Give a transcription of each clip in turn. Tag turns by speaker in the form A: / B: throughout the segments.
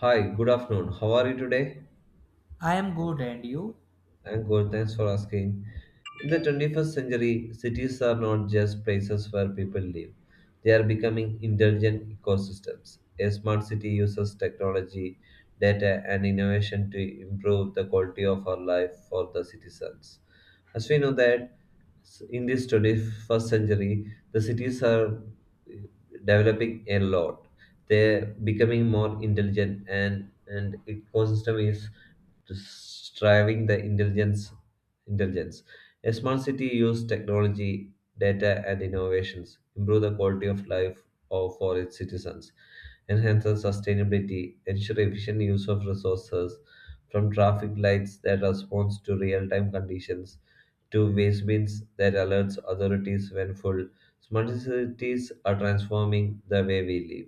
A: Hi, good afternoon. How are you today?
B: I am good, and you?
A: And good, thanks for asking. In the 21st century, cities are not just places where people live, they are becoming intelligent ecosystems. A smart city uses technology, data, and innovation to improve the quality of our life for the citizens. As we know that in this 21st century, the cities are developing a lot. They're becoming more intelligent, and ecosystem is driving the intelligence. A smart city uses technology, data and innovations, improve the quality of life of for its citizens, enhance the sustainability, ensure efficient use of resources from traffic lights that responds to real-time conditions to waste bins that alerts authorities when full. Smart cities are transforming the way we live.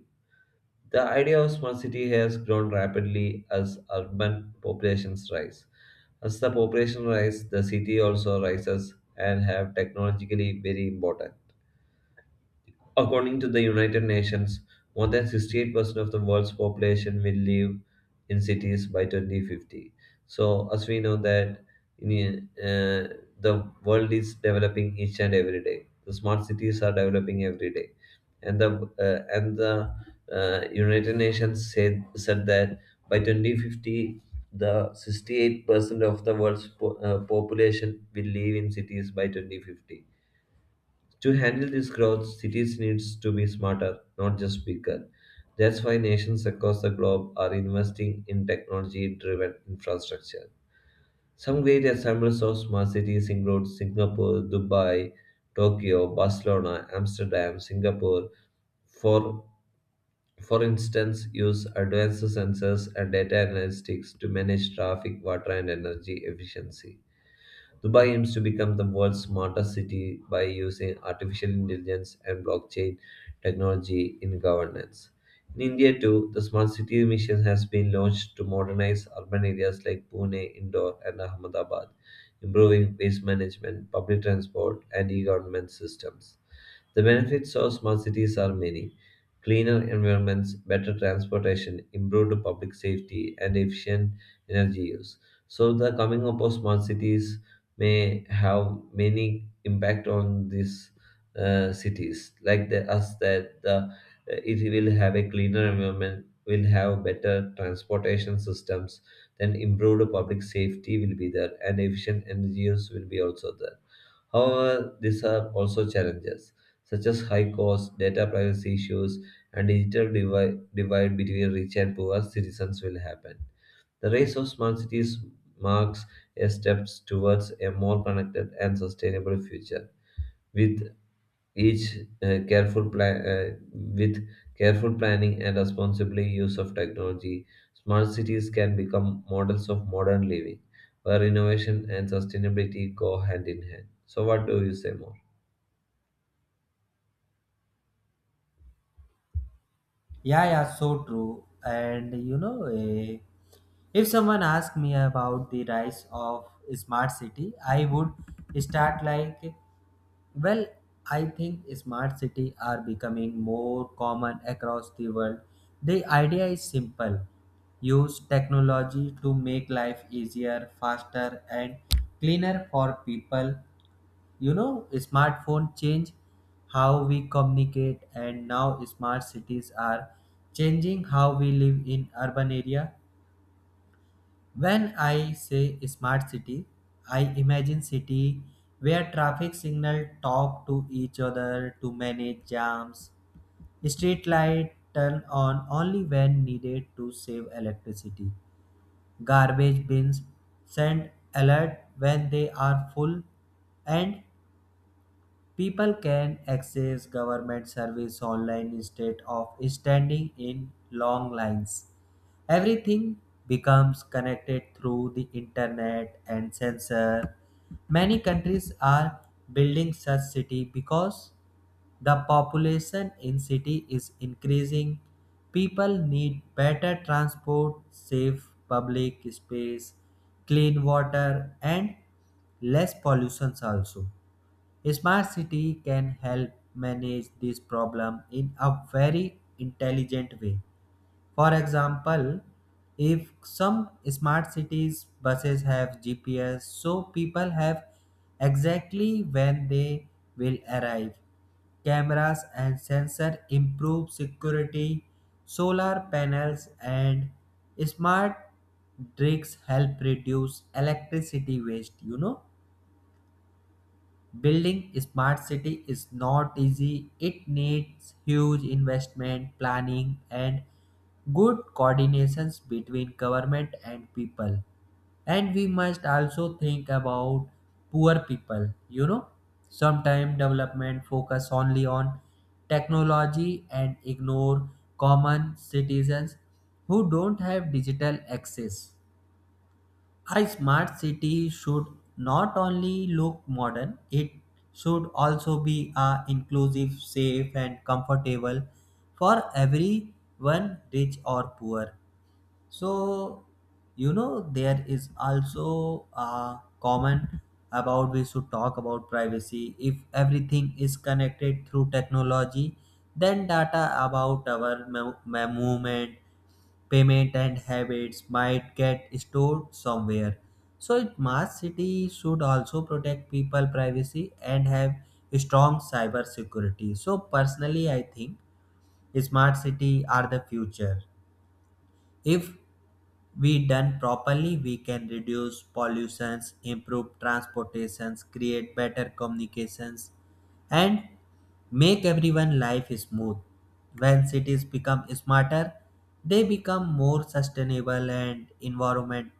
A: The idea of smart city has grown rapidly as urban populations rise. As the population rises, the city also rises and have technologically very important. According to the United Nations, more than 68% of the world's population will live in cities by 2050. So, as we know that, the world is developing each and every day. The smart cities are developing every day, and the United Nations said that by 2050, the 68% of the world's population will live in cities by 2050. To handle this growth, cities needs to be smarter, not just bigger. That's why nations across the globe are investing in technology-driven infrastructure. Some great examples of smart cities include Singapore, Dubai, Tokyo, Barcelona, Amsterdam, Singapore, for for instance, use advanced sensors and data analytics to manage traffic, water, and energy efficiency. Dubai aims to become the world's smartest city by using artificial intelligence and blockchain technology in governance. In India, too, the Smart City Mission has been launched to modernize urban areas like Pune, Indore, and Ahmedabad, improving waste management, public transport, and e government systems. The benefits of smart cities are many: cleaner environments, better transportation, improved public safety, and efficient energy use. So, the coming up of smart cities may have many impact on these cities, like the, us that the it will have a cleaner environment, will have better transportation systems, then improved public safety will be there, and efficient energy use will be also there. However, these are also challenges, such as high costs, data privacy issues, and digital divide between rich and poor citizens will happen. The rise of smart cities marks a step towards a more connected and sustainable future. With each careful plan with careful planning and responsible use of technology, smart cities can become models of modern living, where innovation and sustainability go hand in hand. So, what do you say more?
B: Yeah, yeah, so true. And you know, if someone asked me about the rise of smart city, I would start like, well, I think smart city are becoming more common across the world. The idea is simple: use technology to make life easier, faster, and cleaner for people. Smartphone change how we communicate, and now smart cities are changing how we live in urban area. When I say smart city, I imagine city where traffic signal talk to each other to manage jams, street light turn on only when needed to save electricity, garbage bins send alert when they are full, and people can access government service online instead of standing in long lines. Everything becomes connected through the internet and sensor. Many countries are building such city because the population in city is increasing. People need better transport, safe public space, clean water and less pollution also. Smart city can help manage this problem in a very intelligent way. For example, if some smart cities buses have GPS, so people have exactly when they will arrive. Cameras and sensor improve security. Solar panels and smart bricks help reduce electricity waste. You know. Building smart city is not easy. It needs huge investment, planning and good coordinations between government and people. And we must also think about poor people. Sometimes development focus only on technology and ignore common citizens who don't have digital access. A smart city should not only look modern, it should also be a inclusive, safe and comfortable for everyone, rich or poor. So, there is also a common about we should talk about privacy. If everything is connected through technology, then data about our movement, payment and habits might get stored somewhere. So smart city should also protect people privacy and have strong cyber security. So personally I think smart city are the future. If we done properly, we can reduce pollutions, improve transportations, create better communications, and make everyone life smooth. When cities become smarter, they become more sustainable and environment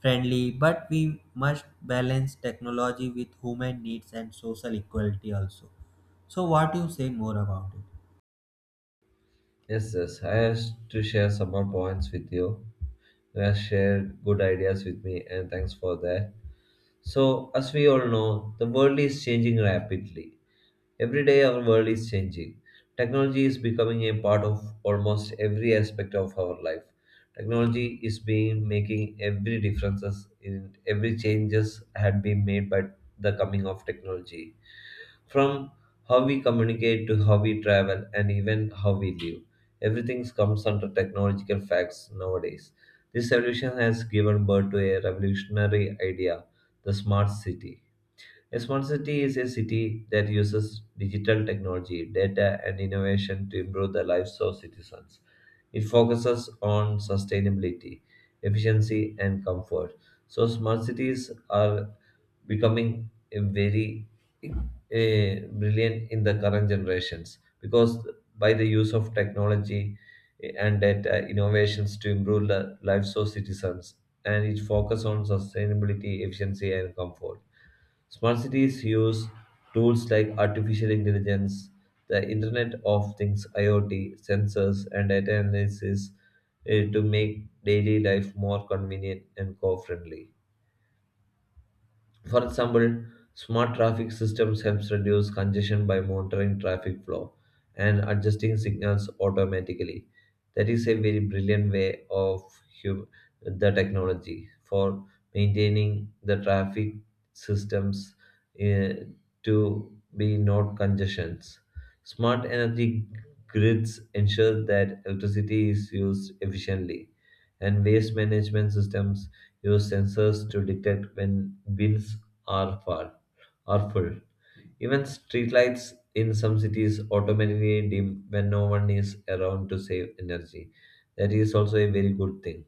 B: friendly. But we must balance technology with human needs and social equality also. So, what you say more about it?
A: Yes, yes, I have to share some more points with you. You have shared good ideas with me, and thanks for that. So, as we all know, the world is changing rapidly. Every day, our world is changing. Technology is becoming a part of almost every aspect of our life. Technology is being making every differences, in every changes had been made by the coming of technology. From how we communicate to how we travel and even how we live, everything comes under technological facts nowadays. This evolution has given birth to a revolutionary idea, the smart city. A smart city is a city that uses digital technology, data, and innovation to improve the lives of citizens. It focuses on sustainability, efficiency, and comfort. So, smart cities are becoming a very, brilliant in the current generations, because by the use of technology and data innovations to improve the lives of citizens, and it focuses on sustainability, efficiency, and comfort. Smart cities use tools like artificial intelligence, the Internet of Things, IoT, sensors, and data analysis, to make daily life more convenient and co friendly. For example, smart traffic systems helps reduce congestion by monitoring traffic flow and adjusting signals automatically. That is a very brilliant way of, hum- the technology for maintaining the traffic systems, eh, to be not congestions. Smart energy grids ensure that electricity is used efficiently, and waste management systems use sensors to detect when bins are full. are full. Even streetlights in some cities automatically dim when no one is around to save energy. That is also a very good thing.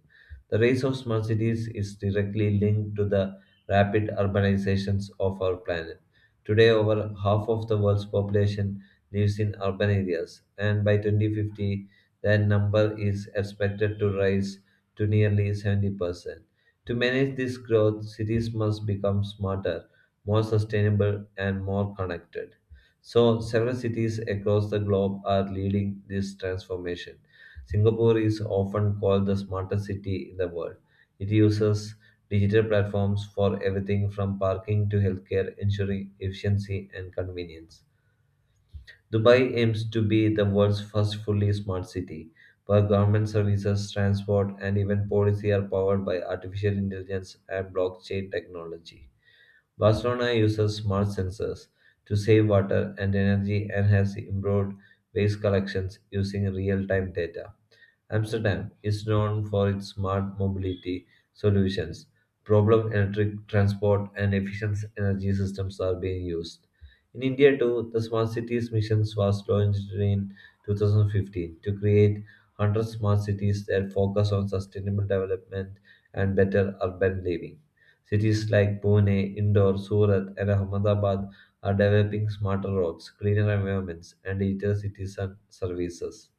A: The rise of smart cities is directly linked to the rapid urbanizations of our planet. Today, over half of the world's population lives in urban areas, and by 2050, that number is expected to rise to nearly 70%. To manage this growth, cities must become smarter, more sustainable, and more connected. So, several cities across the globe are leading this transformation. Singapore is often called the smartest city in the world. It uses digital platforms for everything from parking to healthcare, ensuring efficiency and convenience. Dubai aims to be the world's first fully smart city, where government services, transport, and even policy are powered by artificial intelligence and blockchain technology. Barcelona uses smart sensors to save water and energy and has improved waste collections using real time data. Amsterdam is known for its smart mobility solutions. Problem electric transport and efficient energy systems are being used. In India, too, the Smart Cities Mission was launched in 2015 to create 100 smart cities that focus on sustainable development and better urban living. Cities like Pune, Indore, Surat, and Ahmedabad are developing smarter roads, cleaner environments, and digital citizen services.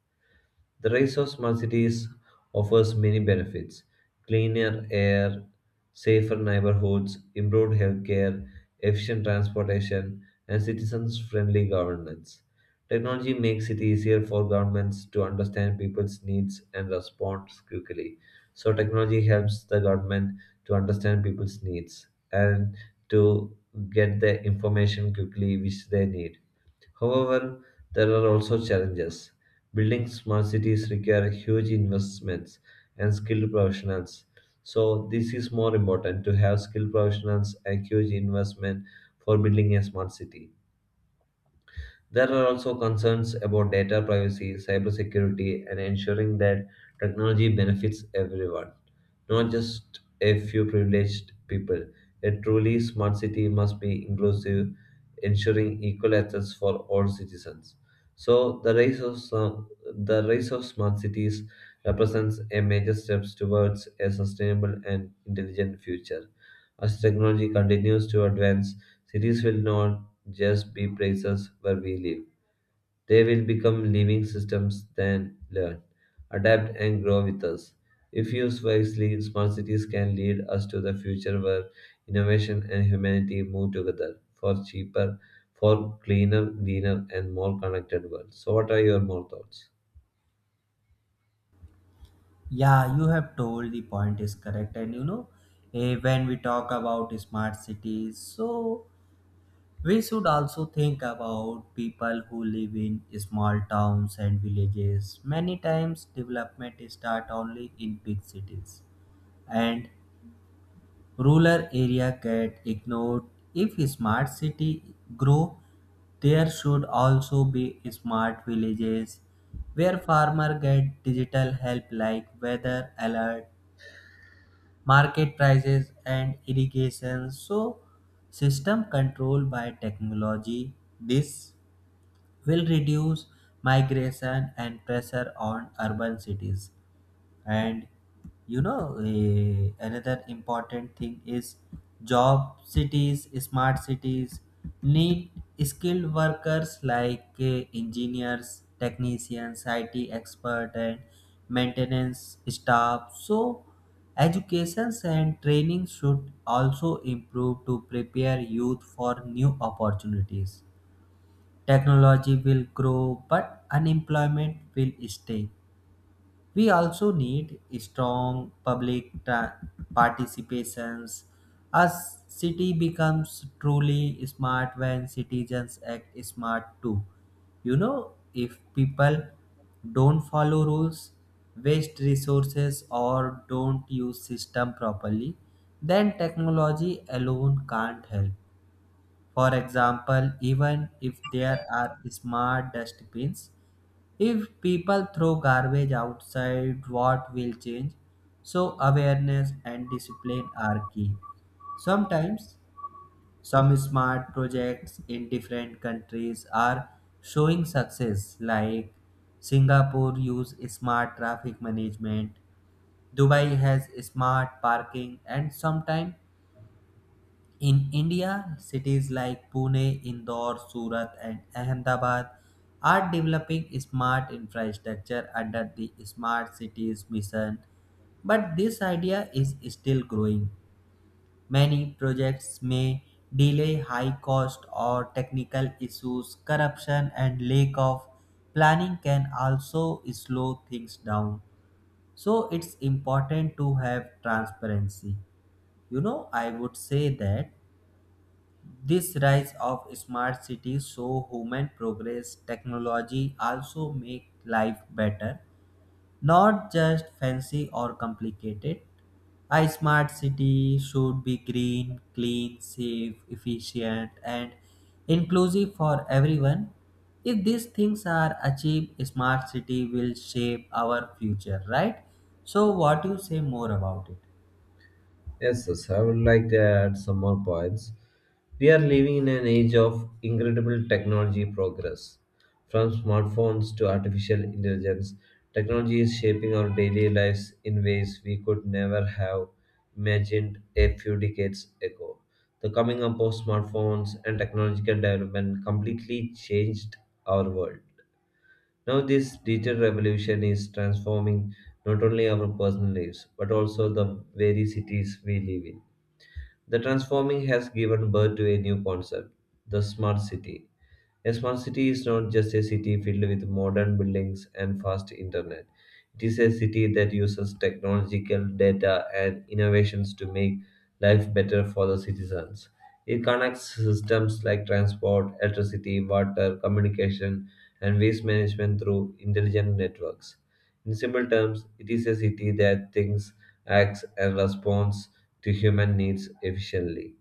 A: The rise of smart cities offers many benefits: cleaner air, safer neighborhoods, improved healthcare, efficient transportation, and citizens friendly governance. Technology makes it easier for governments to understand people's needs and respond quickly. So, technology helps the government to understand people's needs and to get the information quickly which they need. However, there are also challenges. Building smart cities require huge investments and skilled professionals. So, this is more important to have skilled professionals and huge investment for building a smart city. There are also concerns about data privacy, cybersecurity, and ensuring that technology benefits everyone, not just a few privileged people. A truly smart city must be inclusive, ensuring equal access for all citizens. So, the race of smart cities represents a major step towards a sustainable and intelligent future. As technology continues to advance, cities will not just be places where we live. They will become living systems that learn, adapt, and grow with us. If used wisely, smart cities can lead us to the future where innovation and humanity move together for for cleaner, greener, and more connected world. So, what are your more thoughts?
B: Yeah, you have told the point is correct. And you know, when we talk about smart cities, so we should also think about people who live in small towns and villages. Many times development start only in big cities and rural area get ignored. If smart city grow, there should also be smart villages where farmer get digital help like weather alert, market prices and irrigation, so system controlled by technology. This will reduce migration and pressure on urban cities. And you know, another important thing is job cities, smart cities need skilled workers like engineers, technicians, it expert and maintenance staff, so educations and training should also improve to prepare youth for new opportunities. Technology will grow but unemployment will stay. We also need strong public participations. A city becomes truly smart when citizens act smart too. You know, if people don't follow rules, waste resources, or don't use system properly, then technology alone can't help. For example, even if there are smart dustbins, if people throw garbage outside, what will change? So, awareness and discipline are key. Sometimes, some smart projects in different countries are showing success, like Singapore use smart traffic management, Dubai has smart parking, and sometimes in India, cities like Pune, Indore, Surat, and Ahmedabad are developing smart infrastructure under the Smart Cities mission, but this idea is still growing. Many projects may delay, high cost or technical issues, corruption, and lack of planning can also slow things down. So, it's important to have transparency. You know, I would say that this rise of smart cities show human progress, technology also make life better, not just fancy or complicated. A smart city should be green, clean, safe, efficient, and inclusive for everyone. If these things are achieved, a smart city will shape our future, right? So, what do you say more about it?
A: Yes, yes, I would like to add some more points. We are living in an age of incredible technology progress. From smartphones to artificial intelligence, technology is shaping our daily lives in ways we could never have imagined a few decades ago. The coming up of smartphones and technological development completely changed our world. Now, this digital revolution is transforming not only our personal lives but also the very cities we live in. The transforming has given birth to a new concept, the smart city. A smart city is not just a city filled with modern buildings and fast internet. It is a city that uses technological data and innovations to make life better for the citizens. It connects systems like transport, electricity, water, communication, and waste management through intelligent networks. In simple terms, it is a city that thinks, acts, and responds to human needs efficiently.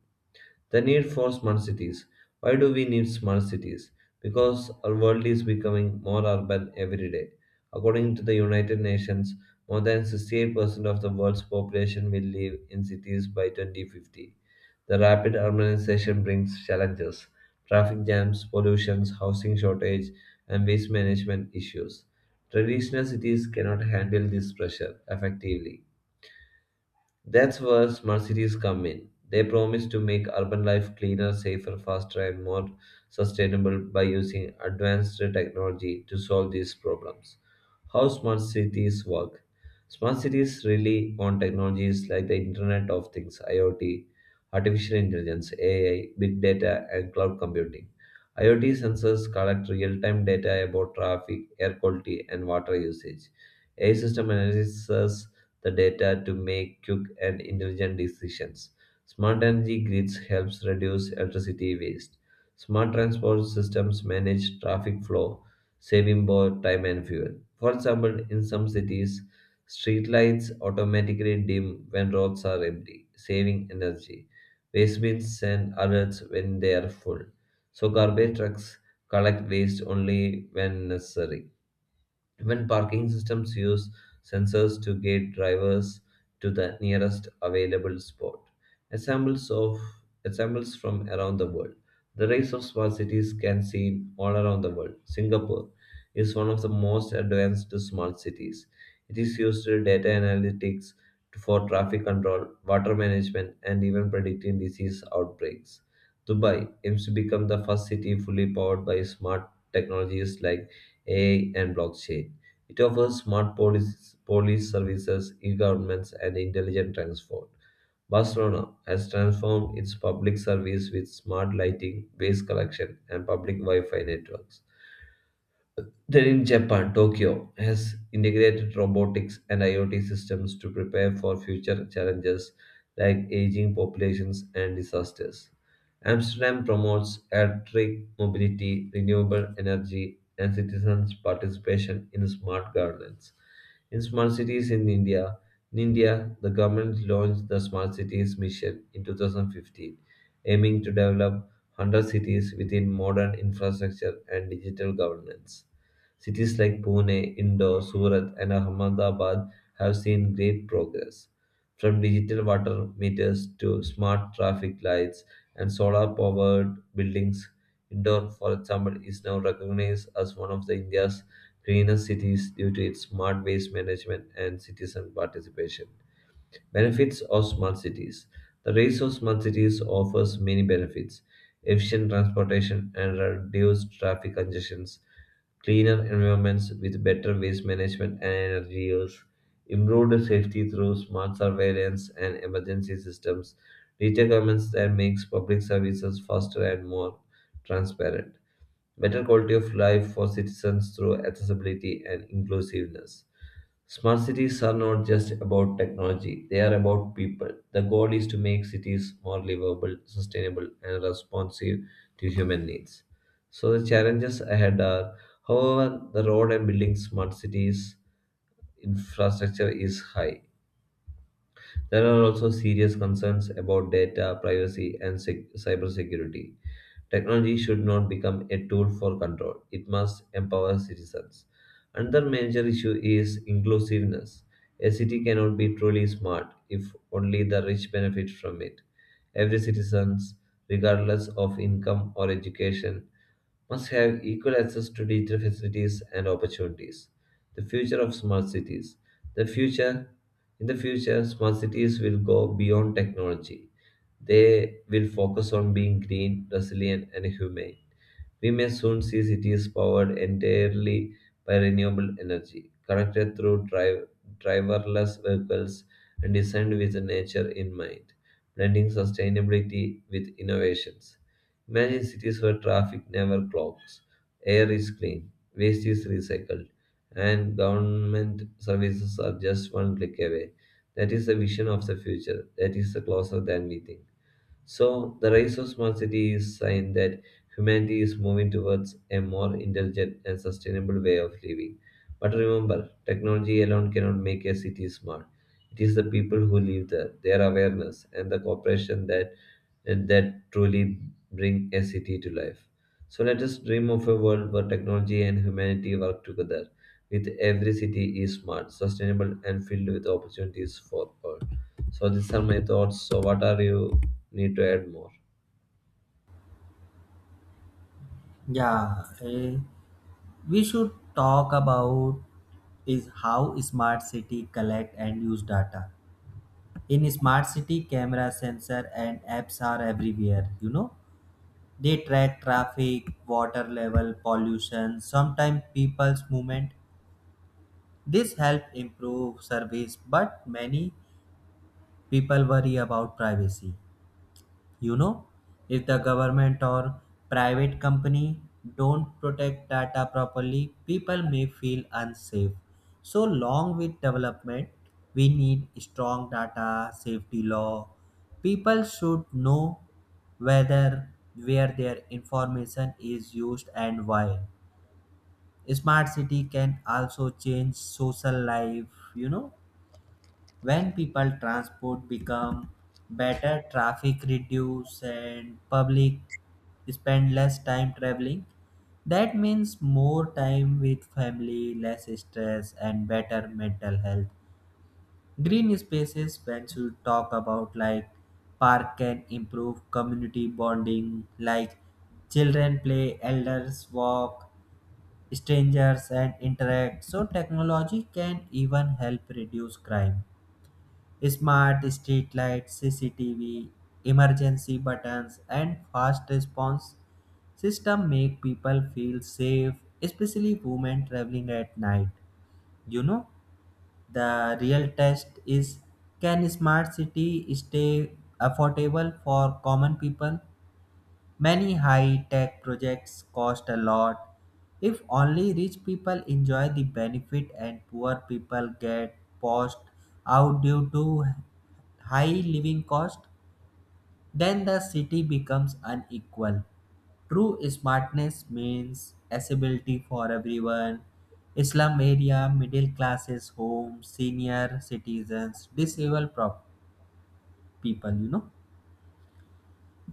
A: The need for smart cities. Why do we need smart cities? Because our world is becoming more urban every day. According to the United Nations, more than 68% of the world's population will live in cities by 2050. The rapid urbanization brings challenges: traffic jams, pollution, housing shortage, and waste management issues. Traditional cities cannot handle this pressure effectively. That's where smart cities come in. They promise to make urban life cleaner, safer, faster, and more sustainable by using advanced technology to solve these problems. How smart cities work? Smart cities rely on technologies like the Internet of Things (IoT), artificial intelligence (AI), big data, and cloud computing. IoT sensors collect real-time data about traffic, air quality, and water usage. AI system analyzes the data to make quick and intelligent decisions. Smart energy grids helps reduce electricity waste. Smart transport systems manage traffic flow, saving both time and fuel. For example, in some cities, streetlights automatically dim when roads are empty, saving energy. Waste bins send alerts when they are full. So garbage trucks collect waste only when necessary. Even parking systems use sensors to guide drivers to the nearest available spot. Examples of examples from around the world. The race of smart cities can seen all around the world. Singapore is one of the most advanced smart cities. It is used to data analytics for traffic control, water management, and even predicting disease outbreaks. Dubai aims to become the first city fully powered by smart technologies like AI and blockchain. It offers smart police services, e-governments, and intelligent transport. Barcelona has transformed its public service with smart lighting, waste collection, and public Wi-Fi networks. Then in Japan, Tokyo has integrated robotics and IoT systems to prepare for future challenges like aging populations and disasters. Amsterdam promotes electric mobility, renewable energy, and citizens' participation in smart governance. In smart cities in India, In India, the government launched the Smart Cities Mission in 2015, aiming to develop 100 cities within modern infrastructure and digital governance. Cities like Pune, Indore, Surat, and Ahmedabad have seen great progress. From digital water meters to smart traffic lights and solar powered buildings, Indore, for example, is now recognized as one of the India's greenest cities due to its smart waste management and citizen participation. Benefits of smart cities. The rise of smart cities offers many benefits. Efficient transportation and reduced traffic congestions, cleaner environments with better waste management and energy use, improved safety through smart surveillance and emergency systems, digital governments that makes public services faster and more transparent, better quality of life for citizens through accessibility and inclusiveness. Smart cities are not just about technology, they are about people. The goal is to make cities more livable, sustainable, and responsive to human needs. So, the challenges ahead are, however, the road and building smart cities infrastructure is high. There are also serious concerns about data privacy and cybersecurity. Technology should not become a tool for control, it must empower citizens. Another major issue is inclusiveness. A city cannot be truly smart if only the rich benefit from it. Every citizen, regardless of income or education, must have equal access to digital facilities and opportunities. The future of smart cities. The future In the future, smart cities will go beyond technology. They will focus on being green, resilient, and humane. We may soon see cities powered entirely by renewable energy, connected through driverless vehicles and designed with nature in mind, blending sustainability with innovations. Imagine cities where traffic never clogs, air is clean, waste is recycled, and government services are just one click away. That is the vision of the future. That is the closer than we think. So, the rise of smart city is sign that humanity is moving towards a more intelligent and sustainable way of living. But remember, technology alone cannot make a city smart. It is the people who live there, their awareness, and the cooperation that truly bring a city to life. So let us dream of a world where technology and humanity work together, with every city is smart, sustainable, and filled with opportunities for all. So these are my thoughts. So what are you need to add more?
B: Yeah, we should talk about is how smart city collect and use data. In smart city, camera, sensor and apps are everywhere. You know, they track traffic, water level, pollution, sometimes people's movement. This help improve service, but many people worry about privacy. You know, if the government or private company don't protect data properly, people may feel unsafe. So long with development, we need strong data safety law. People should know whether where their information is used and why. Smart city can also change social life. You know, when people transport become better, traffic reduce, and public spend less time traveling. That means more time with family, less stress and better mental health. Green spaces, when you talk about like park, can improve community bonding, like children play, elders walk, strangers and interact. So technology can even help reduce crime. Smart street lights, CCTV, emergency buttons, and fast response system make people feel safe, especially women traveling at night. You know, the real test is, can smart city stay affordable for common people? Many high tech projects cost a lot. If only rich people enjoy the benefit and poor people get pushed out due to high living cost, then the city becomes unequal. True smartness means accessibility for everyone. Slum area, middle classes, homes, senior citizens, disabled people.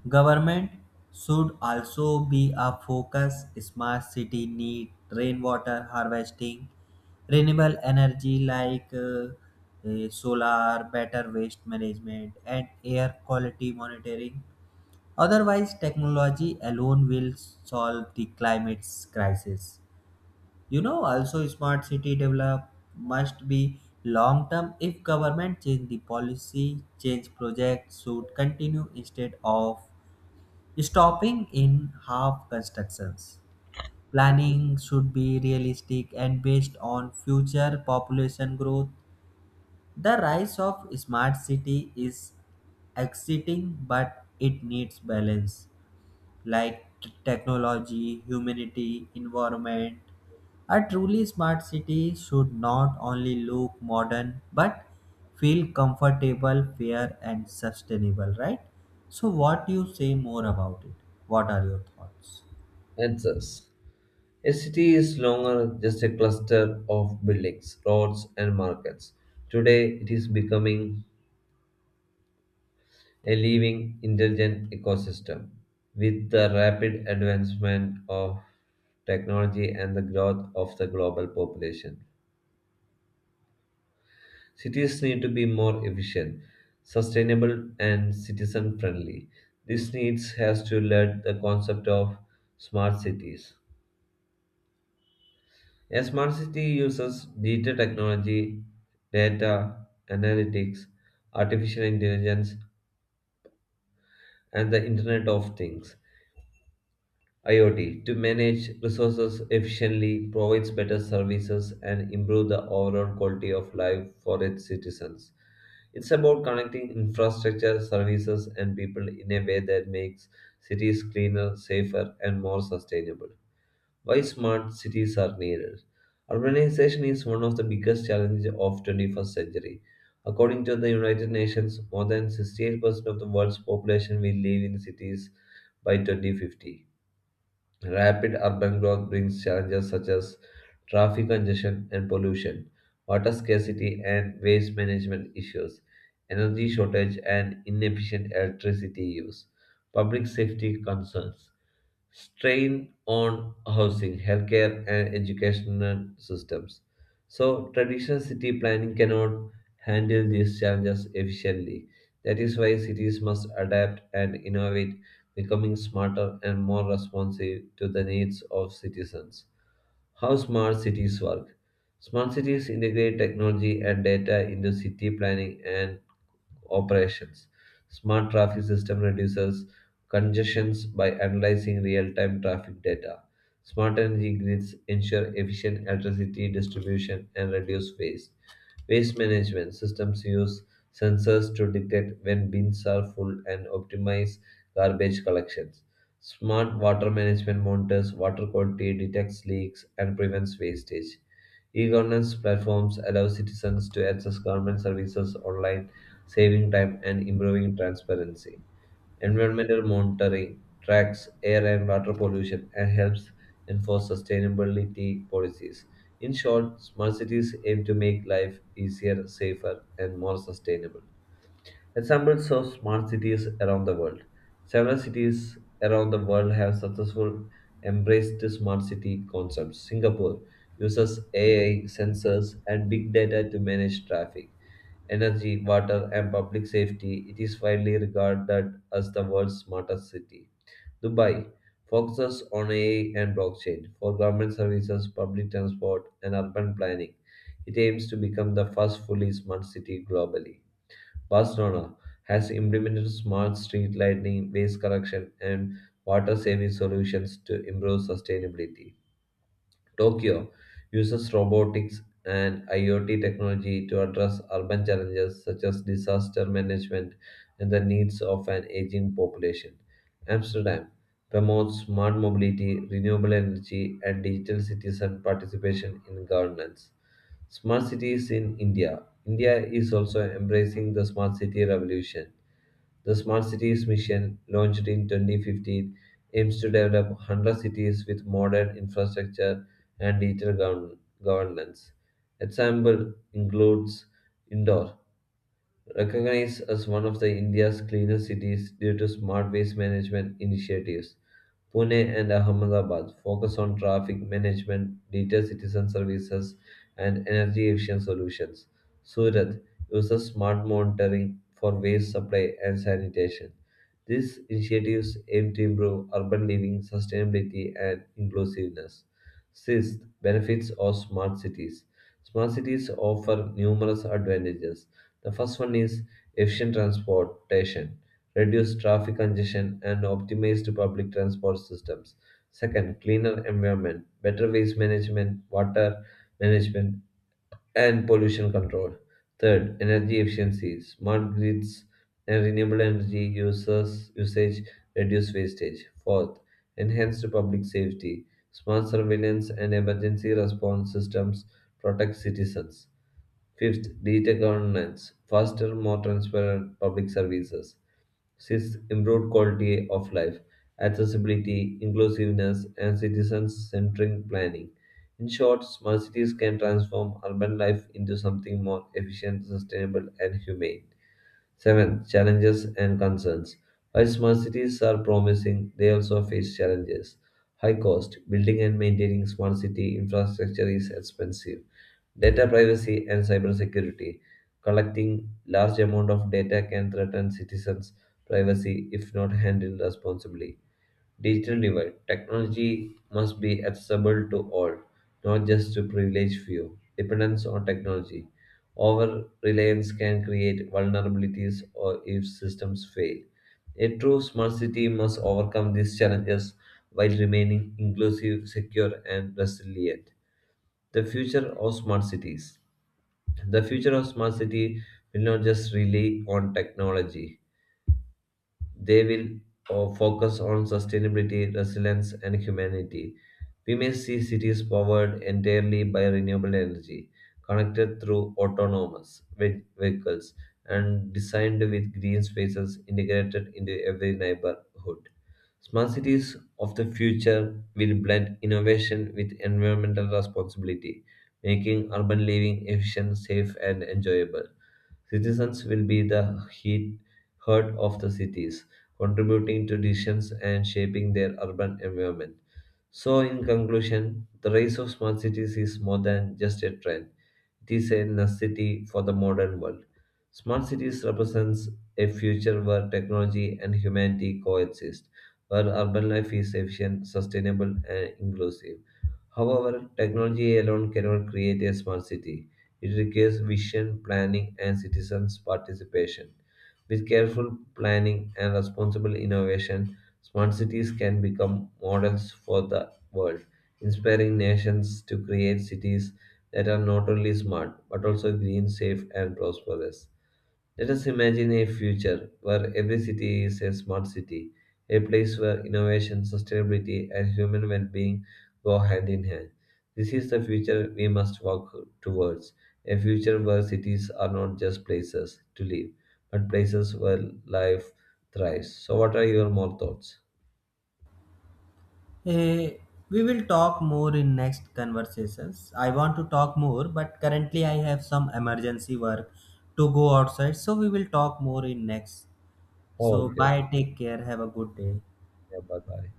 B: Government should also be a focus. Smart city need rainwater harvesting, renewable energy like solar, better waste management, and air quality monitoring. Otherwise, technology alone will solve the climate crisis. You know, also smart city develop must be long term. If government change the policy, change project should continue instead of stopping in half constructions. Planning should be realistic and based on future population growth. The rise of smart city is exciting, but it needs balance like technology, humanity, environment. A truly smart city should not only look modern but feel comfortable, fair, and sustainable, right? So, what you say more about it? What are your thoughts?
A: Answers. A city is longer just a cluster of buildings, roads and markets. Today it is becoming a living intelligent ecosystem. With the rapid advancement of technology and the growth of the global population. Cities need to be more efficient, sustainable, and citizen friendly. This needs has to lead the concept of smart cities. A smart city uses data technology, data, analytics, artificial intelligence, and the Internet of Things IoT to manage resources efficiently, provides better services, and improve the overall quality of life for its citizens. It's about connecting infrastructure, services, and people in a way that makes cities cleaner, safer, and more sustainable. Why smart cities are needed? Urbanization is one of the biggest challenges of 21st century. According to the United Nations, more than 68% of the world's population will live in cities by 2050. Rapid urban growth brings challenges such as traffic congestion and pollution, water scarcity and waste management issues, energy shortage and inefficient electricity use, public safety concerns, strain on housing, healthcare, and educational systems. So, traditional city planning cannot handle these challenges efficiently. That is why cities must adapt and innovate becoming smarter and more responsive to the needs of citizens. How smart cities work. Smart cities integrate technology and data into city planning and operations. Smart traffic system reduces congestions by analyzing real-time traffic data. Smart energy grids ensure efficient electricity distribution and reduce waste. Waste management systems use sensors to detect when bins are full and optimize garbage collections. Smart water management monitors water quality, detects leaks, and prevents wastage. E-governance platforms allow citizens to access government services online, saving time and improving transparency. Environmental monitoring tracks air and water pollution and helps enforce sustainability policies. In short, smart cities aim to make life easier, safer, and more sustainable. Examples of smart cities around the world. Several cities around the world have successfully embraced the smart city concept. Singapore uses AI sensors and big data to manage traffic, energy, water, and public safety. It is widely regarded as the world's smartest city. Dubai focuses on AI and blockchain for government services, public transport, and urban planning. It aims to become the first fully smart city globally. Barcelona has implemented smart street lighting, waste collection, and water saving solutions to improve sustainability. Tokyo uses robotics and IoT technology to address urban challenges such as disaster management and the needs of an aging population. Amsterdam promotes smart mobility, renewable energy, and digital citizen participation in governance. Smart cities in India. India is also embracing the smart city revolution. The Smart Cities Mission, launched in 2015, aims to develop 100 cities with modern infrastructure and digital governance. Example includes Indore, recognized as one of the India's cleanest cities due to smart waste management initiatives, Pune and Ahmedabad focus on traffic management, data citizen services, and energy efficient solutions. Surat uses smart monitoring for waste supply and sanitation. These initiatives aim to improve urban living, sustainability, and inclusiveness. Sixth, benefits of smart cities. Smart cities offer numerous advantages. The first one is efficient transportation, reduced traffic congestion, and optimized public transport systems. Second, cleaner environment, better waste management, water management, and pollution control. Third, energy efficiency. Smart grids and renewable energy users usage reduce wastage. Fourth, enhanced public safety. Smart surveillance and emergency response systems protect citizens. Fifth, digital governance. Faster, more transparent public services. Six, improved quality of life, accessibility, inclusiveness, and citizen-centric planning. In short, smart cities can transform urban life into something more efficient, sustainable, and humane. Seven challenges and concerns. While smart cities are promising, they also face challenges. High cost, building and maintaining smart city infrastructure is expensive. Data privacy and cybersecurity. Collecting large amount of data can threaten citizens' privacy if not handled responsibly digital divide. Technology must be accessible to all, not just to privileged few. Dependence on technology. Over reliance can create vulnerabilities or if systems fail. A true smart city must overcome these challenges while remaining inclusive, secure, and resilient. The future of smart cities. The future of smart city will not just rely on technology they will focus on sustainability, resilience, and humanity. We may see cities powered entirely by renewable energy, connected through autonomous vehicles, and designed with green spaces integrated into every neighborhood. Smart cities of the future will blend innovation with environmental responsibility, making urban living efficient, safe, and enjoyable. Citizens will be the heart of the cities, contributing to decisions and shaping their urban environment. So, in conclusion, the rise of smart cities is more than just a trend. It is a necessity for the modern world. Smart cities represents a future where technology and humanity coexist, where urban life is efficient, sustainable, and inclusive. However, technology alone cannot create a smart city. It requires vision, planning, and citizens' participation. With careful planning and responsible innovation, smart cities can become models for the world, inspiring nations to create cities that are not only smart but also green, safe, and prosperous. Let us imagine a future where every city is a smart city, a place where innovation, sustainability, and human well being go hand in hand. This is the future we must work towards a future where cities are not just places to live, but places where life thrives. So, what are your more thoughts?
B: Eh, we will talk more in next conversations. I want to talk more, but currently I have some emergency work to go outside, so we will talk more in next.
A: Oh,
B: So,
A: okay.
B: bye, take care, have a good day.
A: Yeah, bye bye.